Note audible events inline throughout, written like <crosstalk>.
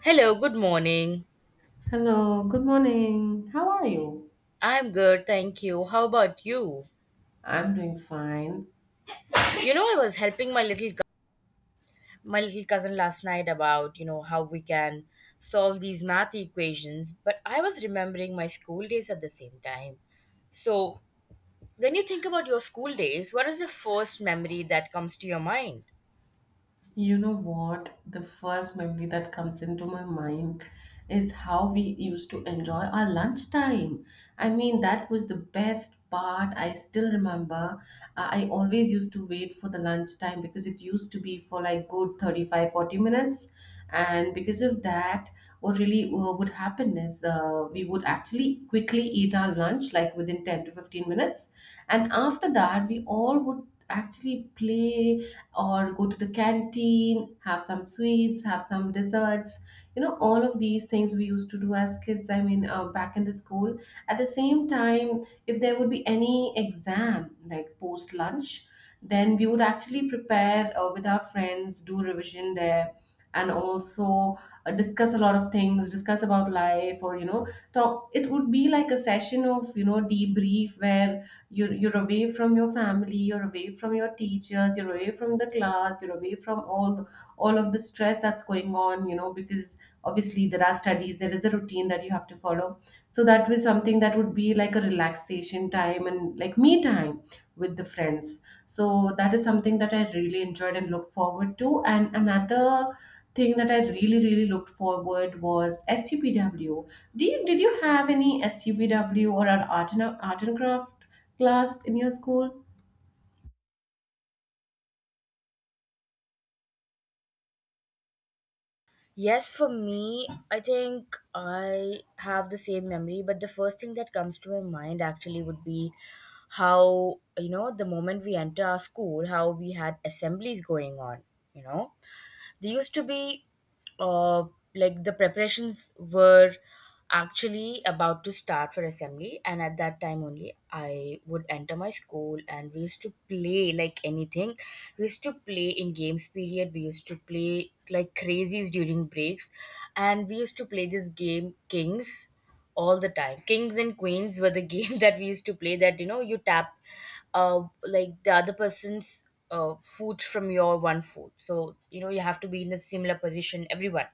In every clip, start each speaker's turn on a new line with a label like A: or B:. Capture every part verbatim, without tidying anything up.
A: Hello, good morning.
B: Hello, good morning. How are you?
A: I'm good, thank you. How about you?
B: I'm doing fine.
A: You know, I was helping my little cou- my little cousin last night about, you know, how we can solve these math equations, but I was remembering my school days at the same time. So, when you think about your school days, what is the first memory that comes to your mind?
B: You know what? The first memory that comes into my mind is how we used to enjoy our lunchtime. I mean, that was the best part. I still remember. I I always used to wait for the lunchtime because it used to be for like good thirty-five, forty minutes. And because of that, what really uh, would happen is uh, we would actually quickly eat our lunch, like within ten to fifteen minutes. And after that, we all would actually play or go to the canteen, have some sweets, have some desserts. You know, all of these things we used to do as kids, I mean, uh, back in the school. At the same time, if there would be any exam, like post lunch, then we would actually prepare uh, with our friends, do revision there, and also uh, discuss a lot of things, discuss about life, or, you know, talk. It would be like a session of, you know, debrief where you're, you're away from your family, you're away from your teachers, you're away from the class, you're away from all all of the stress that's going on, you know, because obviously there are studies, there is a routine that you have to follow, so that was something that would be like a relaxation time and like me time with the friends. So that is something that I really enjoyed and look forward to. And another thing that I really, really looked forward was S C P W. Do you, did you have any S C P W or an art and, art and craft class in your school?
A: Yes, for me, I think I have the same memory, but the first thing that comes to my mind actually would be how, you know, the moment we enter our school, how we had assemblies going on, you know? They used to be uh, like the preparations were actually about to start for assembly, and at that time only I would enter my school and we used to play like anything. We used to play in games period, we used to play like crazies during breaks, and we used to play this game Kings all the time. Kings and Queens were the <laughs> game that we used to play. That, you know, you tap, uh, like the other person's uh foot from your one foot. So you know, you have to be in a similar position. Everyone.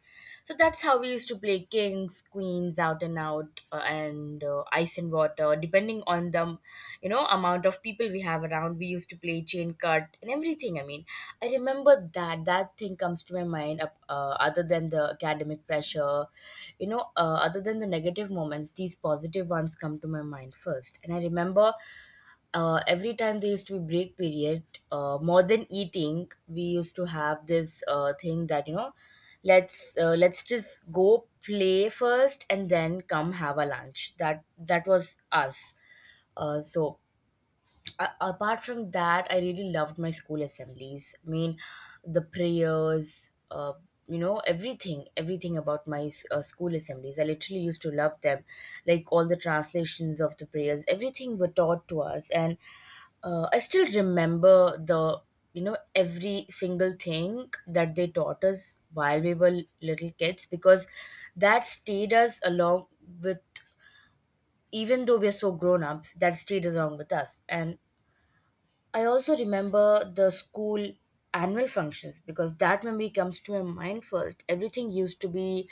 A: So that's how we used to play Kings, Queens, out and out, uh, and uh, ice and water what, uh, depending on the, you know, amount of people we have around, we used to play chain cut and everything. I mean, I remember that that thing comes to my mind, uh, uh, other than the academic pressure, you know, uh, other than the negative moments, these positive ones come to my mind first. And I remember uh, every time there used to be break period, uh, more than eating, we used to have this uh, thing that, you know, let's uh, let's just go play first and then come have a lunch. That that was us. Uh, so a- apart from that, I really loved my school assemblies. I mean, the prayers, uh, you know, everything, everything about my s- uh, school assemblies, I literally used to love them, like all the translations of the prayers, everything were taught to us. And uh, I still remember the, you know, every single thing that they taught us while we were little kids, because that stayed us along with, even though we're so grown ups, that stayed along with us. And I also remember the school annual functions, because that memory comes to my mind first. Everything used to be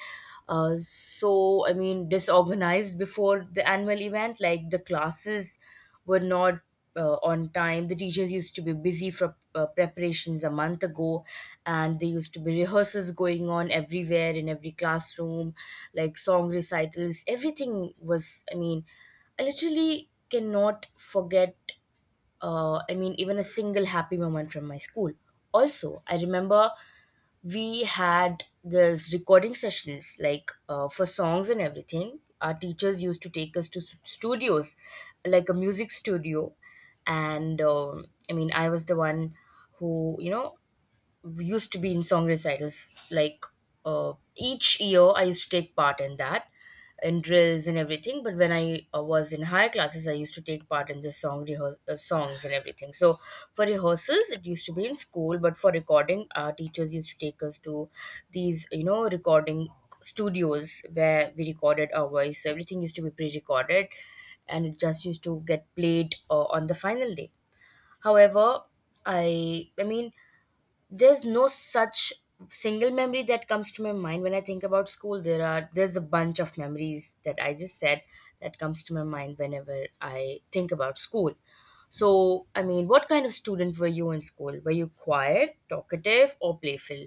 A: uh, so, I mean, disorganized before the annual event. Like the classes were not uh, on time. The teachers used to be busy for uh, preparations a month ago, and there used to be rehearsals going on everywhere in every classroom, like song recitals. Everything was, I mean, I literally cannot forget, uh, I mean, even a single happy moment from my school. Also, I remember we had this recording sessions, like uh, for songs and everything. Our teachers used to take us to s- studios, like a music studio. And um, I mean, I was the one who, you know, used to be in song recitals. Like uh, each year, I used to take part in that, in drills and everything. But when I uh, was in higher classes, I used to take part in the song rehears uh, songs and everything. So for rehearsals, it used to be in school, but for recording, our teachers used to take us to these, you know, recording studios where we recorded our voice. So everything used to be pre-recorded, and it just used to get played uh, on the final day. However, I I mean there's no such single memory that comes to my mind when I think about school. There are, there's a bunch of memories that I just said that comes to my mind whenever I think about school. So, I mean, what kind of student were you in school? Were you quiet, talkative, or playful?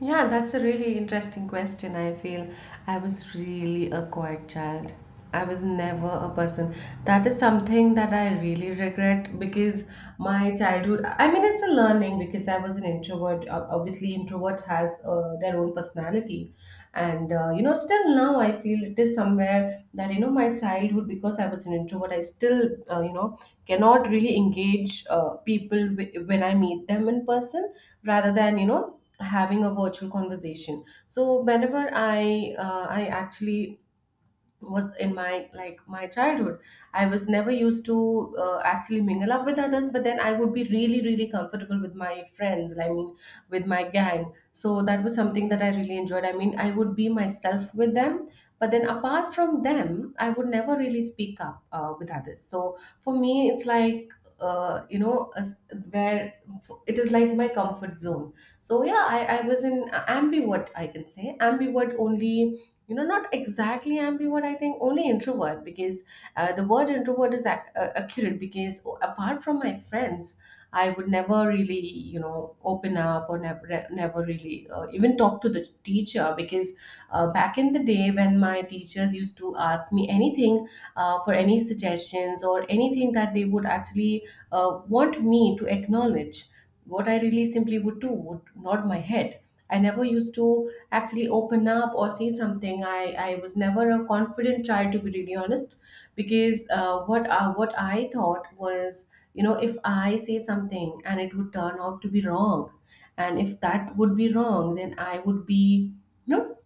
B: Yeah, that's a really interesting question. I feel I was really a quiet child. I was never a person. That is something that I really regret because my childhood, I mean, it's a learning because I was an introvert. Ob- Obviously, introvert has uh, their own personality. And, uh, you know, still now I feel it is somewhere that, you know, my childhood, because I was an introvert, I still, uh, you know, cannot really engage uh, people wi- when I meet them in person rather than, you know, having a virtual conversation. So whenever I uh, i actually was in my like my childhood, I was never used to uh, actually mingle up with others, but then I would be really, really comfortable with my friends, I mean, with my gang. So that was something that I really enjoyed. I mean, I would be myself with them, but then apart from them I would never really speak up uh, with others. So for me it's like uh, you know, as- where it is like my comfort zone. So yeah, i, I was in ambivert. I can say ambivert only, you know, not exactly ambivert. I think only introvert because uh, the word introvert is ac- uh, accurate because apart from my friends, I would never really, you know, open up or never never really uh, even talk to the teacher because uh, back in the day, when my teachers used to ask me anything uh, for any suggestions or anything that they would actually uh, want me to acknowledge, what I really simply would do would nod my head. I never used to actually open up or say something. I, I was never a confident child, to be really honest, because uh, what uh, what I thought was, you know, if I say something and it would turn out to be wrong, and if that would be wrong, then I would be, you know,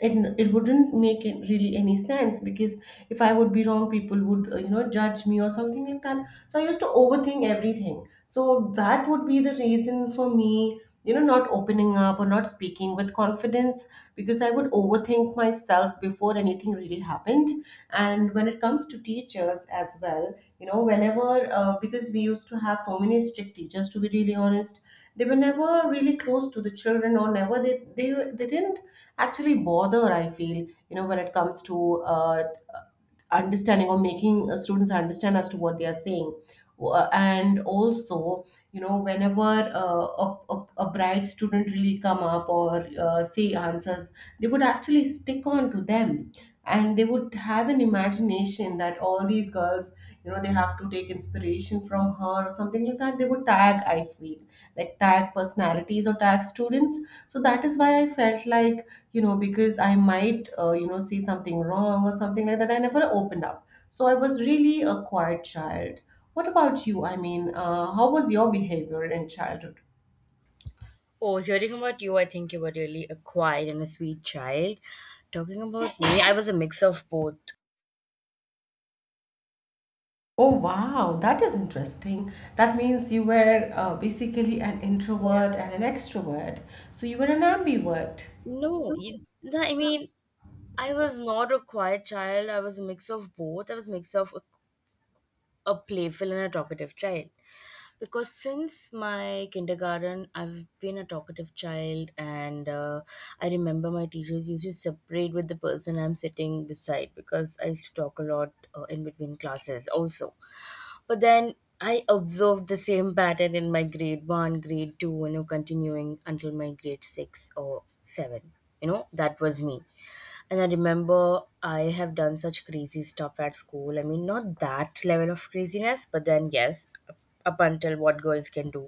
B: it it wouldn't make it really any sense because if I would be wrong, people would uh, you know, judge me or something like that. So I used to overthink everything. So that would be the reason for me, you know, not opening up or not speaking with confidence because I would overthink myself before before anything really happened. And when it comes to teachers as well, you know, whenever, uh, because we used to have so many strict teachers, to be really honest, they were never really close to the children, or never they they, they didn't actually bother, I feel, you know, when it comes to uh, understanding or making uh, students understand as to what they are saying. Uh, and also, you know, whenever uh, a, a, a bright student really come up or uh, say answers, they would actually stick on to them, and they would have an imagination that all these girls, you know, they have to take inspiration from her or something like that. They would tag, I feel, like tag personalities or tag students. So that is why I felt like, you know, because I might uh, you know, see something wrong or something like that, I never opened up. So I was really a quiet child. What about you? I mean, uh, how was your behavior in childhood?
A: Oh, hearing about you, I think you were really a quiet and a sweet child. Talking about me, I was a mix of both.
B: Oh wow, that is interesting. That means you were uh, basically an introvert and an extrovert. So you were an ambivert.
A: No, you, no, I mean, I was not a quiet child. I was a mix of both. I was a mix of a playful and a talkative child, because since my kindergarten, I've been a talkative child. And uh, I remember my teachers used to separate with the person I'm sitting beside because I used to talk a lot, uh, in between classes also. But then I observed the same pattern in my grade one, grade two, you know, continuing until my grade six or seven. You know, that was me. And I remember I have done such crazy stuff at school. I mean, not that level of craziness, but then yes, up up until what girls can do,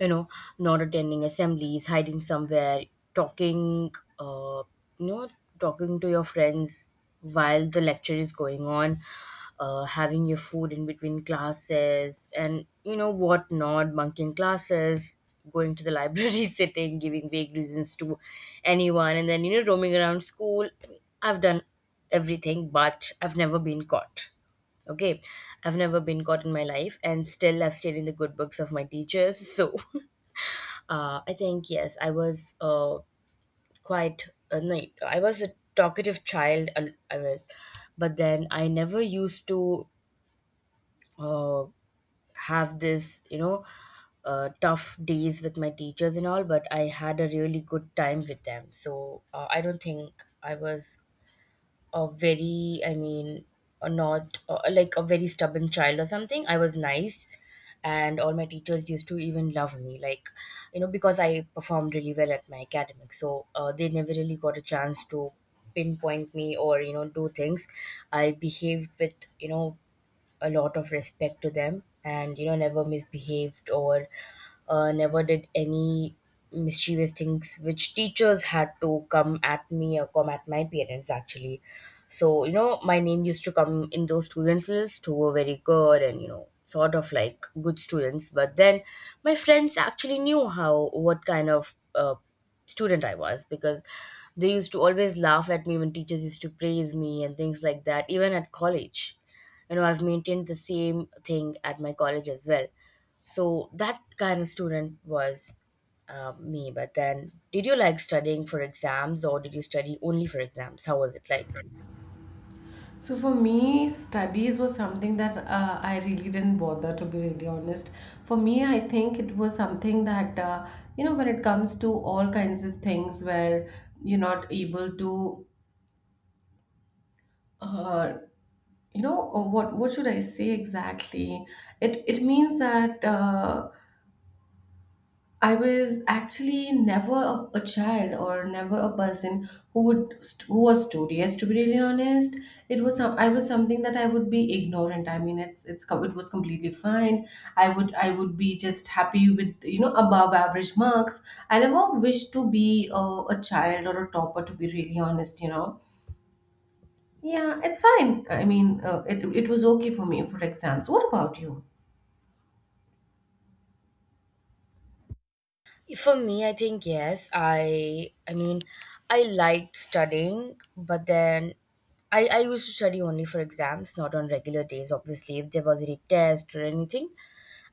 A: you know, not attending assemblies, hiding somewhere, talking, uh, you know, talking to your friends while the lecture is going on, uh, having your food in between classes, and you know what not, bunking classes, going to the library, <laughs> sitting, giving vague reasons to anyone, and then, you know, roaming around school. I've done everything, but I've never been caught. Okay, I've never been caught in my life, and still I've stayed in the good books of my teachers. So <laughs> Uh, I think yes, I was uh, quite uh, no, I was a talkative child. Uh, I was, but then I never used to uh, have this, you know, uh, tough days with my teachers and all. But I had a really good time with them. So uh, I don't think I was a very, I mean, a not uh, like a very stubborn child or something. I was nice, and all my teachers used to even love me, like, you know, because I performed really well at my academics. So uh, they never really got a chance to pinpoint me or, you know, do things. I behaved with, you know, a lot of respect to them, and, you know, never misbehaved or uh, never did any mischievous things which teachers had to come at me or come at my parents actually. So, you know, my name used to come in those students list who were very good and, you know, sort of like good students. But then my friends actually knew how what kind of uh, student I was, because they used to always laugh at me when teachers used to praise me and things like that. Even at college, you know, I've maintained the same thing at my college as well. So that kind of student was uh, me. But then, did you like studying for exams, or did you study only for exams? How was it like?
B: So for me, studies was something that uh, I really didn't bother, to be really honest. For me, I think it was something that, uh, you know, when it comes to all kinds of things where you're not able to, uh, you know, uh, what what should I say exactly? It it means that. Uh, I was actually never a, a child or never a person who would st- who was studious. To be really honest, it was some, I was something that I would be ignorant. I mean, it's it's com- it was completely fine. I would I would be just happy with, you know, above average marks. I never wished to be a, a child or a topper. To be really honest, you know, yeah, it's fine. I mean, uh, it it was okay for me for exams. What about you?
A: For me, I think yes, i i mean I liked studying, but then I, I used to study only for exams, not on regular days. Obviously, if there was any test or anything,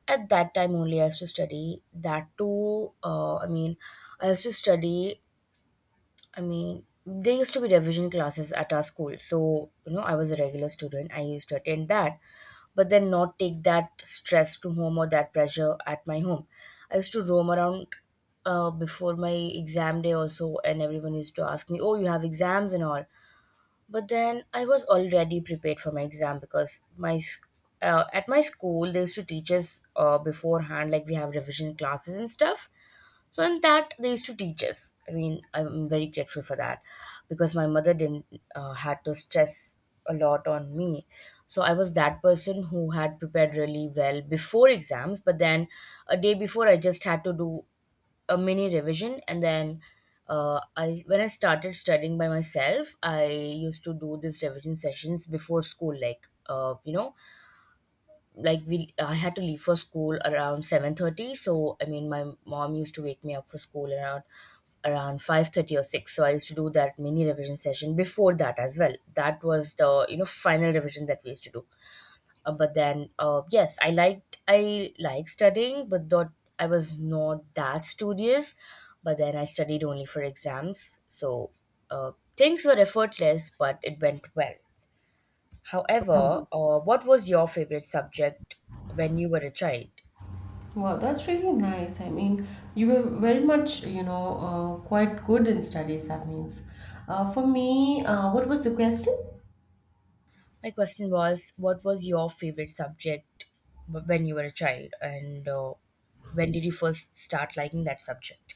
A: at that time only I used to study, that too. Uh, I mean, I used to study I mean, there used to be revision classes at our school. So, you know, I was a regular student. I used to attend that, but then not take that stress to home or that pressure at my home. I used to roam around uh, before my exam day also, and everyone used to ask me, "Oh, you have exams and all." But then I was already prepared for my exam, because my sc- uh, at my school they used to teach us uh, beforehand. Like we have revision classes and stuff, so in that they used to teach us. I mean, I'm very grateful for that, because my mother didn't uh, had to stress a lot on me. So I was that person who had prepared really well before exams, but then a day before I just had to do a mini revision. And then, uh, I when I started studying by myself, I used to do these revision sessions before school. Like, uh, you know, like we I had to leave for school around seven thirty. So I mean, my mom used to wake me up for school around around five thirty or six. So I used to do that mini revision session before that as well. That was the, you know, final revision that we used to do. Uh, but then, uh, yes, I liked I like studying, but thought I was not that studious. But then I studied only for exams. So uh, things were effortless, but it went well. However, uh, what was your favorite subject when you were a child?
B: Wow, that's really nice. I mean, you were very much, you know, uh, quite good in studies, that means. Uh, for me, uh, what was the question?
A: My question was, what was your favorite subject w- when you were a child, and uh, when did you first start liking that subject?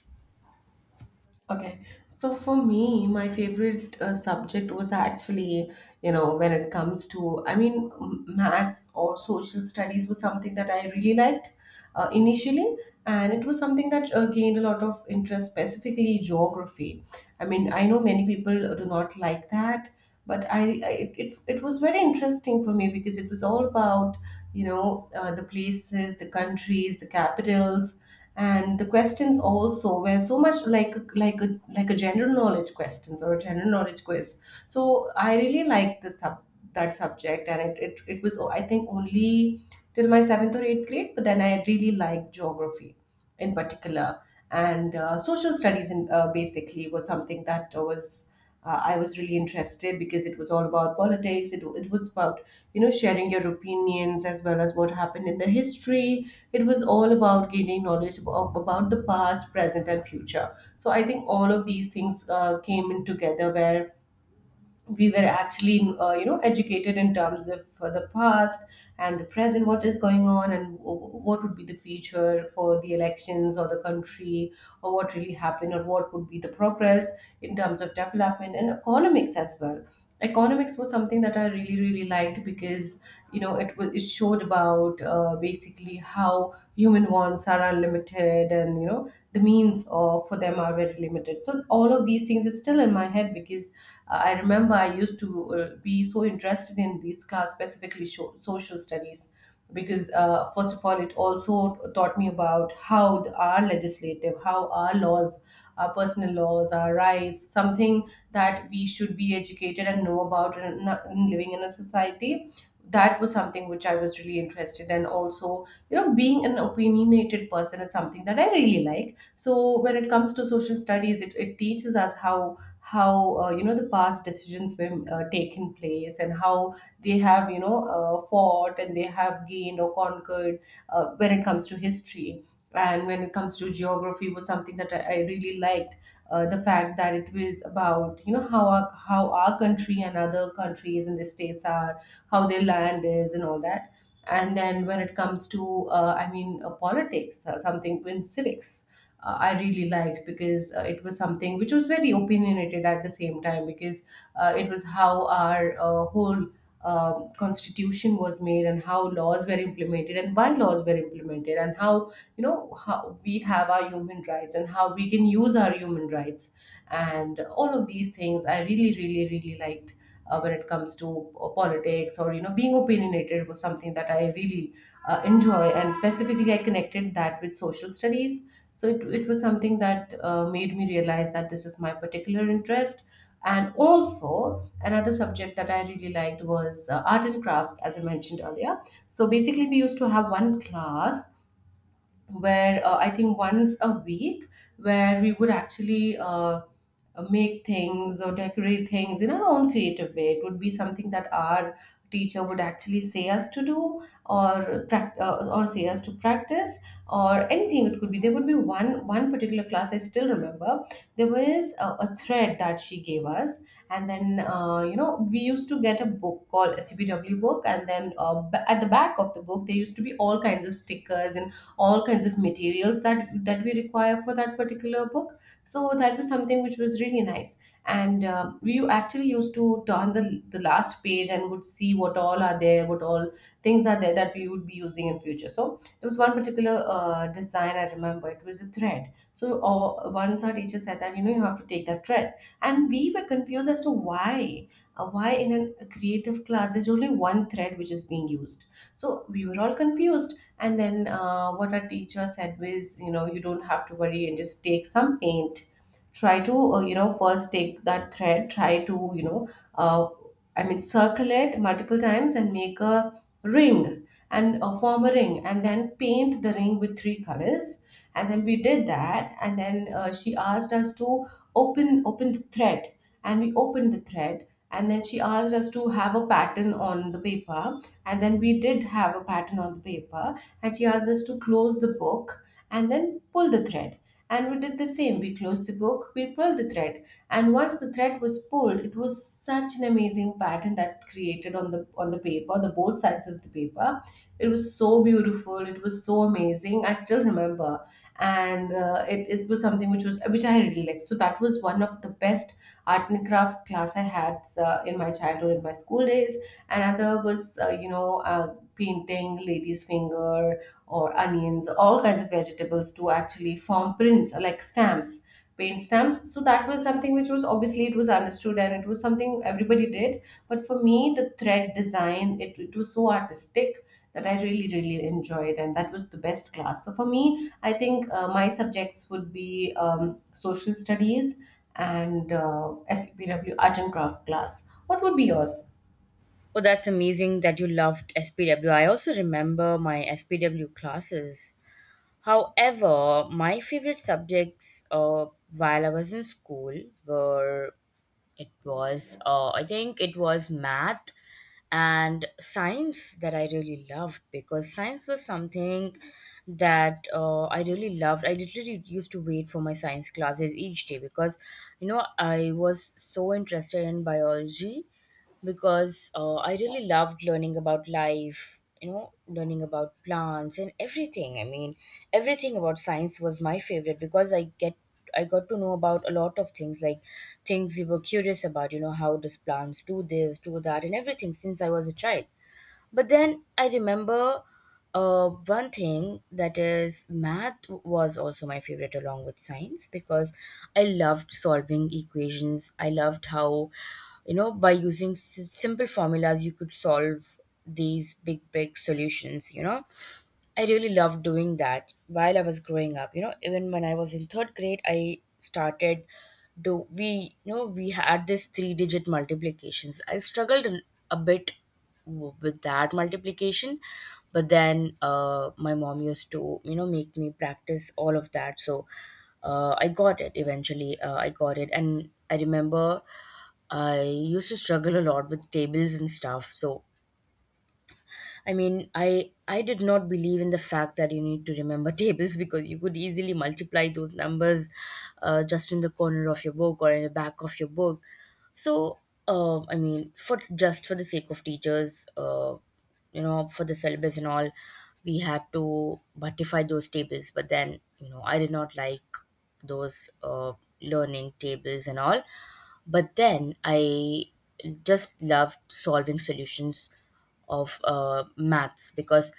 B: Okay, so for me, my favorite uh, subject was actually, you know, when it comes to, I mean, m- maths or social studies was something that I really liked uh, initially, and it was something that uh, gained a lot of interest, specifically geography. I mean, I know many people do not like that, but I, I it, it, it was very interesting for me because it was all about, you know, uh, the places, the countries, the capitals, and the questions also were so much like like a like a general knowledge questions or a general knowledge quiz. So I really liked this sub, that subject, and it, it it was, I think, only till my seventh or eighth grade, but then I really liked geography in particular. And uh, social studies in, uh, basically, was something that was uh, I was really interested because it was all about politics. It, it was about, you know, sharing your opinions as well as what happened in the history. It was all about gaining knowledge of, about the past, present, and future. So I think all of these things uh, came in together, where we were actually, uh, you know, educated in terms of uh, the past and the present, what is going on, and w- what would be the future for the elections or the country, or what really happened, or what would be the progress in terms of development and economics as well. Economics was something that I really, really liked because, you know, it was it showed about, uh, basically, how human wants are unlimited and, you know, the means of for them are very limited. So all of these things is still in my head because, uh, I remember I used to uh, be so interested in these class, specifically sho social studies, because uh, first of all, it also taught me about how the, our legislative, how our laws, our personal laws, our rights, something that we should be educated and know about in, in living in a society. That was something which I was really interested in. Also, you know, being an opinionated person is something that I really like. So when it comes to social studies, it, it teaches us how how uh, you know the past decisions were uh, taken place and how they have you know uh, fought and they have gained or conquered, uh, when it comes to history. And when it comes to geography, was something that i, I really liked, uh, the fact that it was about you know how our, how our country and other countries and the states are, how their land is and all that. And then when it comes to uh, i mean uh, politics, uh, something in civics, uh, I really liked because uh, it was something which was very opinionated at the same time because uh, it was how our uh, whole um constitution was made and how laws were implemented and why laws were implemented and how you know how we have our human rights and how we can use our human rights. And all of these things I really really really liked. Uh, when it comes to uh, politics or you know being opinionated was something that I really uh, enjoy, and specifically I connected that with social studies. So it, it was something that uh, made me realize that this is my particular interest. And also, another subject that I really liked was uh, art and crafts, as I mentioned earlier. So basically, we used to have one class where uh, I think once a week, where we would actually uh, make things or decorate things in our own creative way. It would be something that our teacher would actually say us to do, or prac- uh, or say us to practice, or anything. It could be there would be one one particular class I still remember. There was a, a thread that she gave us, and then uh, you know we used to get a book called S C B W book, and then uh, ba- at the back of the book there used to be all kinds of stickers and all kinds of materials that that we require for that particular book. So that was something which was really nice. And uh, we actually used to turn the, the last page and would see what all are there, what all things are there that we would be using in future. So there was one particular uh, design I remember, it was a thread. So uh, once our teacher said that you know you have to take that thread, and we were confused as to why, uh, why in a creative class there's only one thread which is being used. So we were all confused. And then uh, what our teacher said was, you know, you don't have to worry and just take some paint. Try to, uh, you know, first take that thread, try to, you know, uh, I mean, circulate multiple times and make a ring and uh, form a ring and then paint the ring with three colors. And then we did that. And then uh, she asked us to open open the thread, and we opened the thread. And then she asked us to have a pattern on the paper, and then we did have a pattern on the paper. And she asked us to close the book and then pull the thread. And we did the same. We closed the book, we pulled the thread, and once the thread was pulled it was such an amazing pattern that created on the on the paper, the both sides of the paper. It was so beautiful, it was so amazing, I still remember. And uh, it, it was something which was which I really liked. So that was one of the best art and craft class I had, uh, in my childhood, in my school days. Another was uh, you know uh, painting lady's finger or onions, all kinds of vegetables to actually form prints, uh, like stamps, paint stamps. So that was something which was obviously it was understood and it was something everybody did. But for me, the thread design, it, it was so artistic that I really, really enjoyed, and that was the best class. So for me, I think uh, my subjects would be um, social studies and uh, S P W art and craft class. What would be yours?
A: Oh, that's amazing that you loved S P W. I also remember my S P W classes. However, my favorite subjects uh, while I was in school were it was, uh, I think it was math and science that I really loved because science was something that uh, I really loved. I literally used to wait for my science classes each day because, you know, I was so interested in biology because uh, I really loved learning about life, you know, learning about plants and everything. I mean, everything about science was my favorite because I get I got to know about a lot of things, like things we were curious about, you know, how does plants do this, do that, and everything since I was a child. But then I remember uh, one thing that is math was also my favorite along with science because I loved solving equations. I loved how, you know, by using s- simple formulas, you could solve these big, big solutions, you know. I really loved doing that while I was growing up. You know, even when I was in third grade, I started do we you know we had this three digit multiplications. I struggled a a bit w- with that multiplication but then uh, my mom used to you know make me practice all of that so uh, I got it eventually, uh, I got it. And I remember I used to struggle a lot with tables and stuff. So I mean, I I did not believe in the fact that you need to remember <laughs> tables because you could easily multiply those numbers uh, just in the corner of your book or in the back of your book. So, uh, I mean, for just for the sake of teachers, uh, you know, for the syllabus and all, we had to buttify those tables. But then, you know, I did not like those uh, learning tables and all. But then I just loved solving solutions of uh, maths because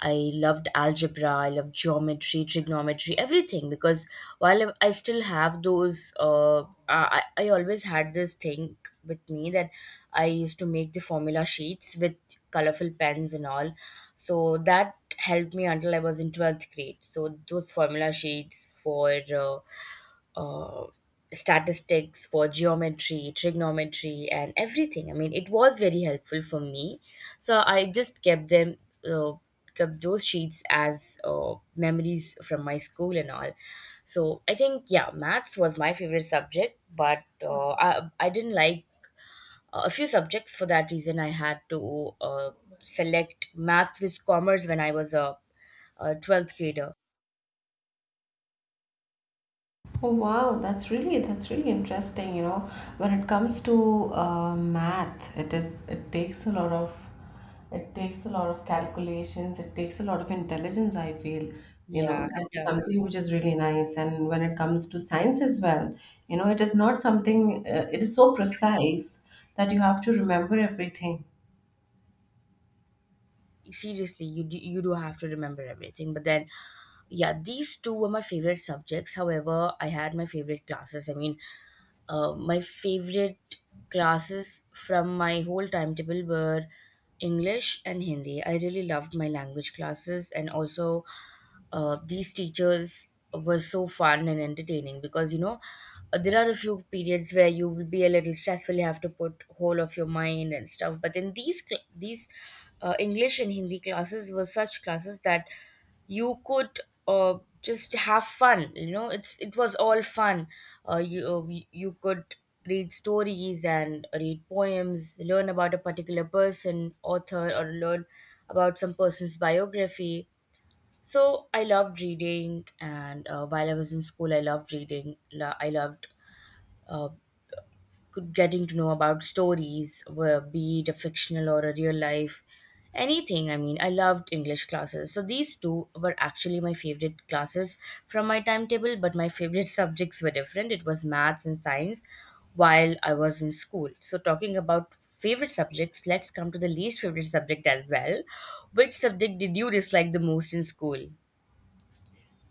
A: I loved algebra, I loved geometry, trigonometry, everything. Because while I I still have those, uh, I, I I always had this thing with me that I used to make the formula sheets with colorful pens and all. So that helped me until I was in twelfth grade. So those formula sheets for uh, uh, statistics for geometry, trigonometry, and everything. I mean, it was very helpful for me. So I just kept them, uh, kept those sheets as uh, memories from my school and all. So I think, yeah, maths was my favorite subject, but uh, I, I didn't like a few subjects. For that reason, I had to uh, select maths with commerce when I was a, a twelfth grader.
B: Oh wow, that's really, that's really interesting. You know, when it comes to uh, math, it is, it takes a lot of, it takes a lot of calculations. It takes a lot of intelligence. I feel, you
A: Yeah,
B: know,
A: it
B: that is something
A: does.
B: which is really nice. And when it comes to science as well, you know, it is not something. Uh, it is so precise that you have to remember everything.
A: Seriously you do, you do have to remember everything but then yeah, these two were my favorite subjects. However, I had my favorite classes. I mean, uh, my favorite classes from my whole timetable were English and Hindi. I really loved my language classes. And also uh, these teachers were so fun and entertaining because you know uh, there are a few periods where you will be a little stressful, you have to put whole of your mind and stuff. But in these cl- these uh, English and Hindi classes were such classes that you could uh, just have fun. You know, it's it was all fun. Uh, you uh, y- you could read stories and read poems, learn about a particular person, author, or learn about some person's biography. So I loved reading, and uh, while I was in school, I loved reading. Lo- I loved uh, good- getting to know about stories, were- be it a fictional or a real life, anything. I mean, I loved English classes. So these two were actually my favorite classes from my timetable, but my favorite <laughs> subjects were different. It was maths and science while I was in school. So talking about favorite subjects, let's come to the least favorite subject as well. Which subject did you dislike the most in school?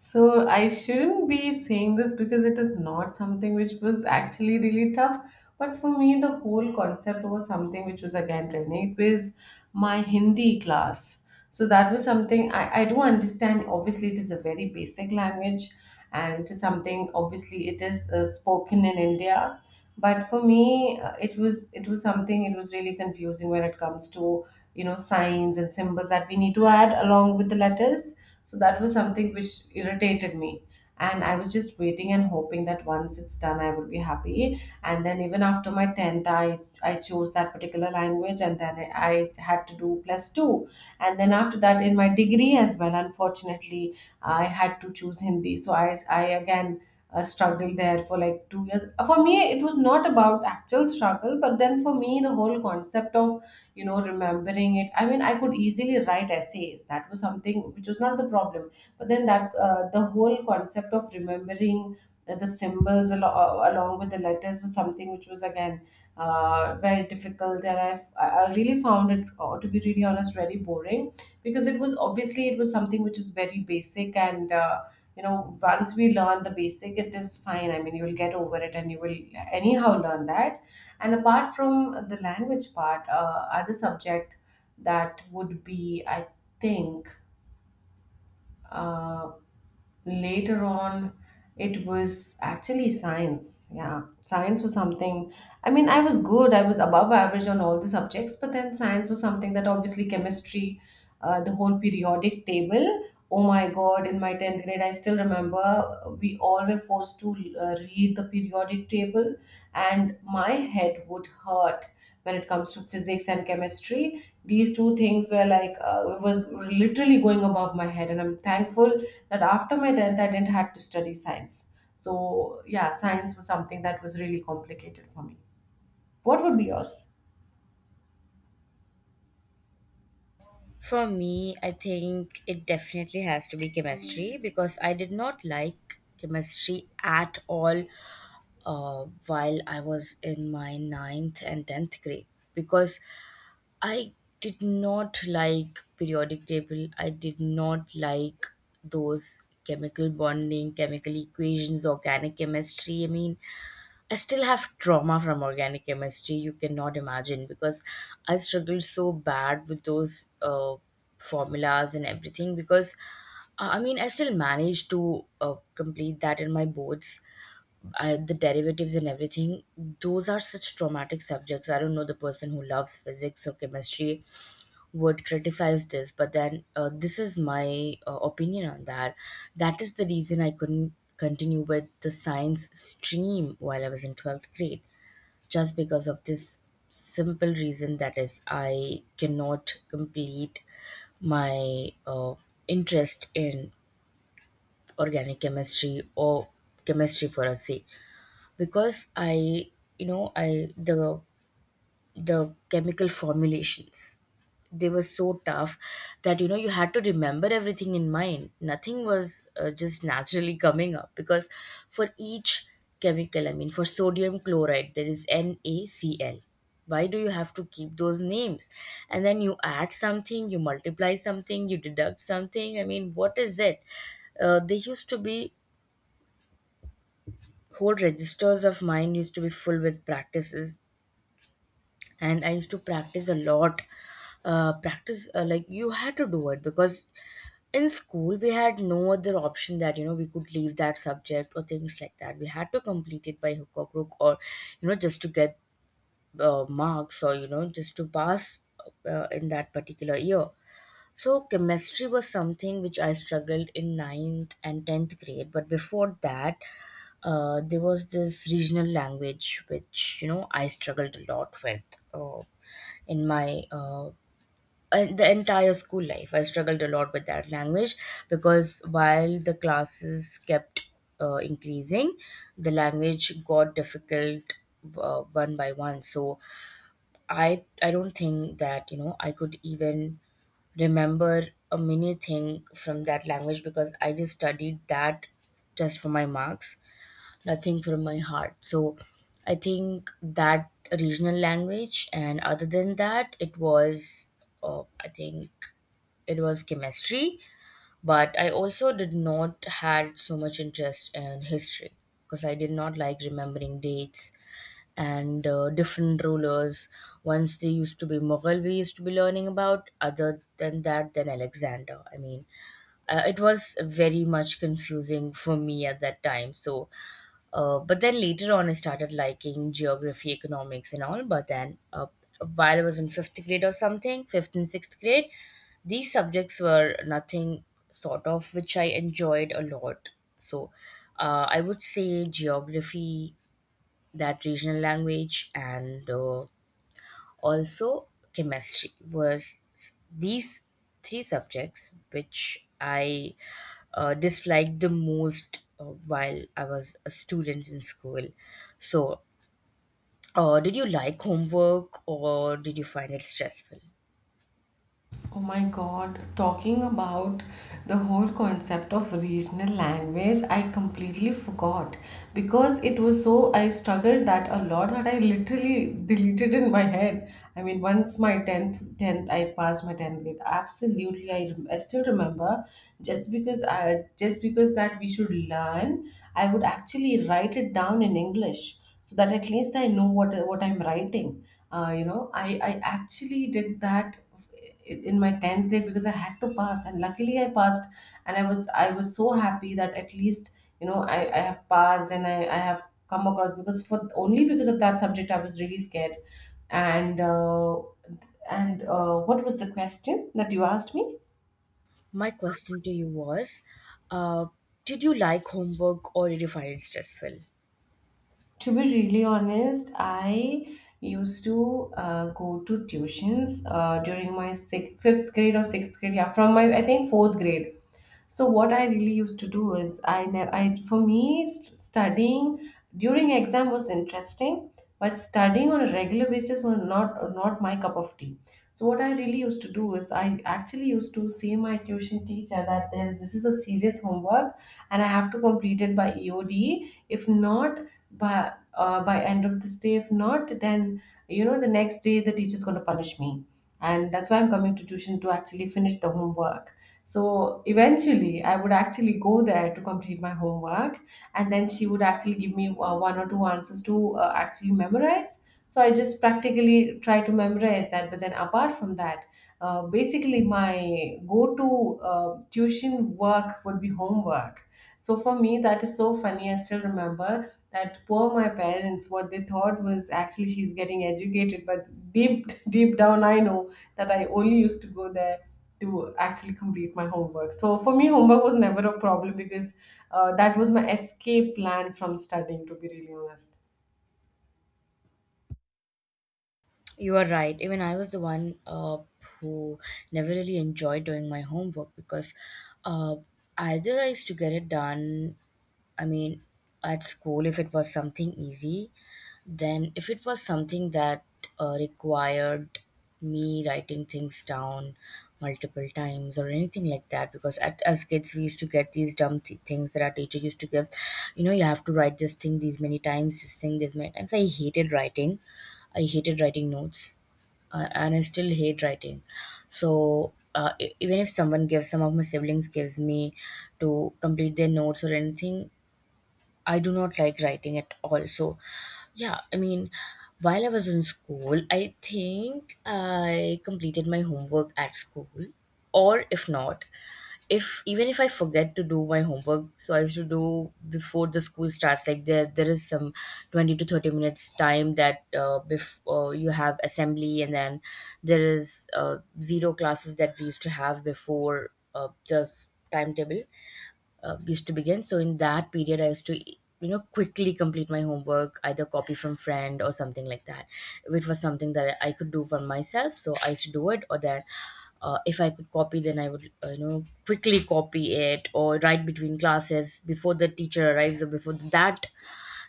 B: So I shouldn't be saying this because it is not something which was actually really tough. But for me, the whole concept was something which was again training. It was my Hindi class. So that was something I, I do understand. Obviously, it is a very basic language and it is something, obviously it is uh, spoken in India. But for me, uh, it was, it was something, it was really confusing when it comes to you know signs and symbols that we need to add along with the letters. So that was something which irritated me. And I was just waiting and hoping that once it's done, I would be happy. And then even after my tenth, I, I chose that particular language and then I, I had to do plus two. And then after that, in my degree as well, unfortunately, I had to choose Hindi. So I, I again uh, struggled there for like two years. For me, it was not about actual struggle, but then for me, the whole concept of you know remembering it, I mean I could easily write essays, that was something which was not the problem. But then that, uh, the whole concept of remembering the, the symbols alo- uh, along with the letters was something which was again uh, very difficult. And i i really found it, uh, to be really honest, very boring, because it was obviously it was something which was very basic. And uh, you know once we learn the basic it is fine, I mean you will get over it and you will anyhow learn that. And apart from the language part, uh, other subject that would be, I think, uh, later on, it was actually science. Yeah, science was something. I mean, I was good. I was above average on all the subjects, but then science was something that obviously chemistry, uh, the whole periodic table. Oh my God! In my tenth grade, I still remember we all were forced to uh, read the periodic table, and my head would hurt when it comes to physics and chemistry. These two things were like, uh, it was literally going above my head, and I'm thankful that after my tenth I didn't have to study science. So yeah, science was something that was really complicated for me. What would be yours?
A: For me, I think it definitely has to be chemistry because I did not like chemistry at all uh, while I was in my ninth and tenth grade because I did not like periodic table, I did not like those chemical bonding, chemical equations, organic chemistry. I mean, I still have trauma from organic chemistry. You cannot imagine because I struggled so bad with those uh, formulas and everything. Because uh, I mean, I still managed to uh, complete that in my boards. I, the derivatives and everything, those are such traumatic subjects. I don't know, the person who loves physics or chemistry would criticize this, but then uh, this is my uh, opinion on that. That is the reason I couldn't continue with the science stream while I was in twelfth grade, just because of this simple reason, that is I cannot complete my uh, interest in organic chemistry, or chemistry for a sake. Because I, you know, I the the chemical formulations, they were so tough that you know you had to remember everything in mind. Nothing was uh, just naturally coming up because for each chemical, I mean for sodium chloride there is NaCl. Why do you have to keep those names? And then you add something, you multiply something, you deduct something. I mean, what is it? uh, they used to be whole registers of mine used to be full with practices, and I used to practice a lot. uh, practice, uh, like you had to do it because in school we had no other option, that you know we could leave that subject or things like that. We had to complete it by hook or crook, or you know just to get uh, marks, or you know just to pass uh, in that particular year. So chemistry was something which I struggled in ninth and tenth grade. But before that, uh, there was this regional language which you know I struggled a lot with uh, in my uh, and the entire school life. I struggled a lot with that language because while the classes kept uh, increasing, the language got difficult uh, one by one. So I I don't think that you know I could even remember a mini thing from that language, because I just studied that just for my marks, nothing from my heart. So I think that regional language, and other than that, it was uh, I think it was chemistry. But I also did not had so much interest in history because I did not like remembering dates and uh, different rulers. Once they used to be Mughal, we used to be learning about. Other than that, then Alexander. I mean, uh, it was very much confusing for me at that time. So, uh, but then later on, I started liking geography, economics, and all. But then, uh, while I was in fifth grade or something, fifth and sixth grade, these subjects were nothing sort of which I enjoyed a lot. So, uh, I would say geography, that regional language, and uh, also chemistry was, these three subjects which I uh, disliked the most uh, while I was a student in school. So uh, did you like homework or did you find it stressful?
B: Oh my god, talking about the whole concept of regional language, I completely forgot, because it was so, I struggled that a lot that I literally deleted in my head. I mean, once my tenth tenth I passed my tenth grade, absolutely I, rem- I still remember, just because, I just because that we should learn, I would actually write it down in English so that at least I know what what I'm writing. Uh, you know, I I actually did that in my tenth grade because I had to pass, and luckily I passed, and i was I was so happy that at least you know i, I have passed and I, I have come across because for only because of that subject I was really scared. and uh, and uh, what was the question that you asked me?
A: My question to you was, uh, did you like homework or did you find it stressful?
B: To be really honest, I used to uh, go to tuitions uh, during my sixth, fifth grade or sixth grade. Yeah, from my I think fourth grade. So what I really used to do is I ne- I for me st- studying during exam was interesting, but studying on a regular basis was not not my cup of tea. So what I really used to do is I actually used to say my tuition teacher that there- this is a serious homework and I have to complete it by E O D. If not, by uh, by end of this day, if not then you know the next day the teacher's going to punish me, and that's why I'm coming to tuition to actually finish the homework. So eventually I would actually go there to complete my homework, and then she would actually give me uh, one or two answers to uh, actually memorize. So I just practically try to memorize that. But then apart from that, uh, basically, my go-to uh, tuition work would be homework. So for me, that is so funny. I still remember that poor my parents, what they thought was actually she's getting educated, but deep <laughs> deep down, I know that I only used to go there to actually complete my homework. So for me, homework was never a problem because uh, that was my escape plan from studying. To be really honest.
A: You are right. Even I was the one uh, who never really enjoyed doing my homework because uh, either I used to get it done, I mean, at school if it was something easy. Then, if it was something that uh, required me writing things down multiple times or anything like that, because at, as kids we used to get these dumb th- things that our teacher used to give, you know, you have to write this thing these many times, this thing these many times. I hated writing. I hated writing notes, uh, and I still hate writing. So uh, e- even if someone gives, some of my siblings gives me to complete their notes or anything, I do not like writing at all. So, yeah, I mean, while I was in school, I think I completed my homework at school. Or if not, if even if I forget to do my homework, so I used to do before the school starts. Like there, there is some twenty to thirty minutes time that uh, before you have assembly, and then there is uh, zero classes that we used to have before uh, the s- timetable uh, used to begin. So in that period, I used to you know quickly complete my homework, either copy from friend or something like that, which was something that I could do for myself. So I used to do it, or then. Uh, if I could copy, then I would, uh, you know, quickly copy it or write between classes before the teacher arrives, or before that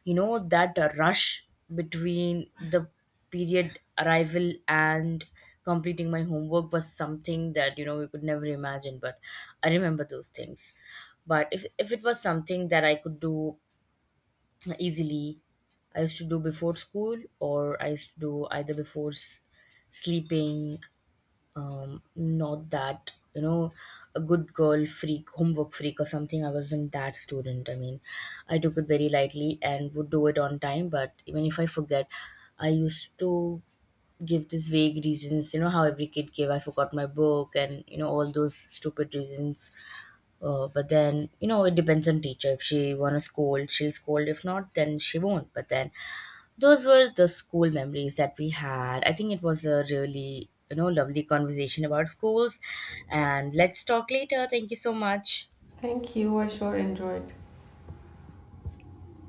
A: you know that rush between the period arrival and completing my homework was something that you know we could never imagine. But I remember those things. But if, if it was something that I could do easily, I used to do before school, or I used to do either before s- sleeping. Um, not that you know a good girl freak, homework freak or something. I wasn't that student. I mean, I took it very lightly and would do it on time. But even if I forget, I used to give these vague reasons, you know how every kid gave, I forgot my book and you know all those stupid reasons. uh, but then you know it depends on teacher, if she wanna scold she'll scold, if not then she won't. But then those were the school memories that we had. I think it was a really, you know, lovely conversation about schools. And let's talk later. Thank you so much.
B: Thank you. I sure enjoyed.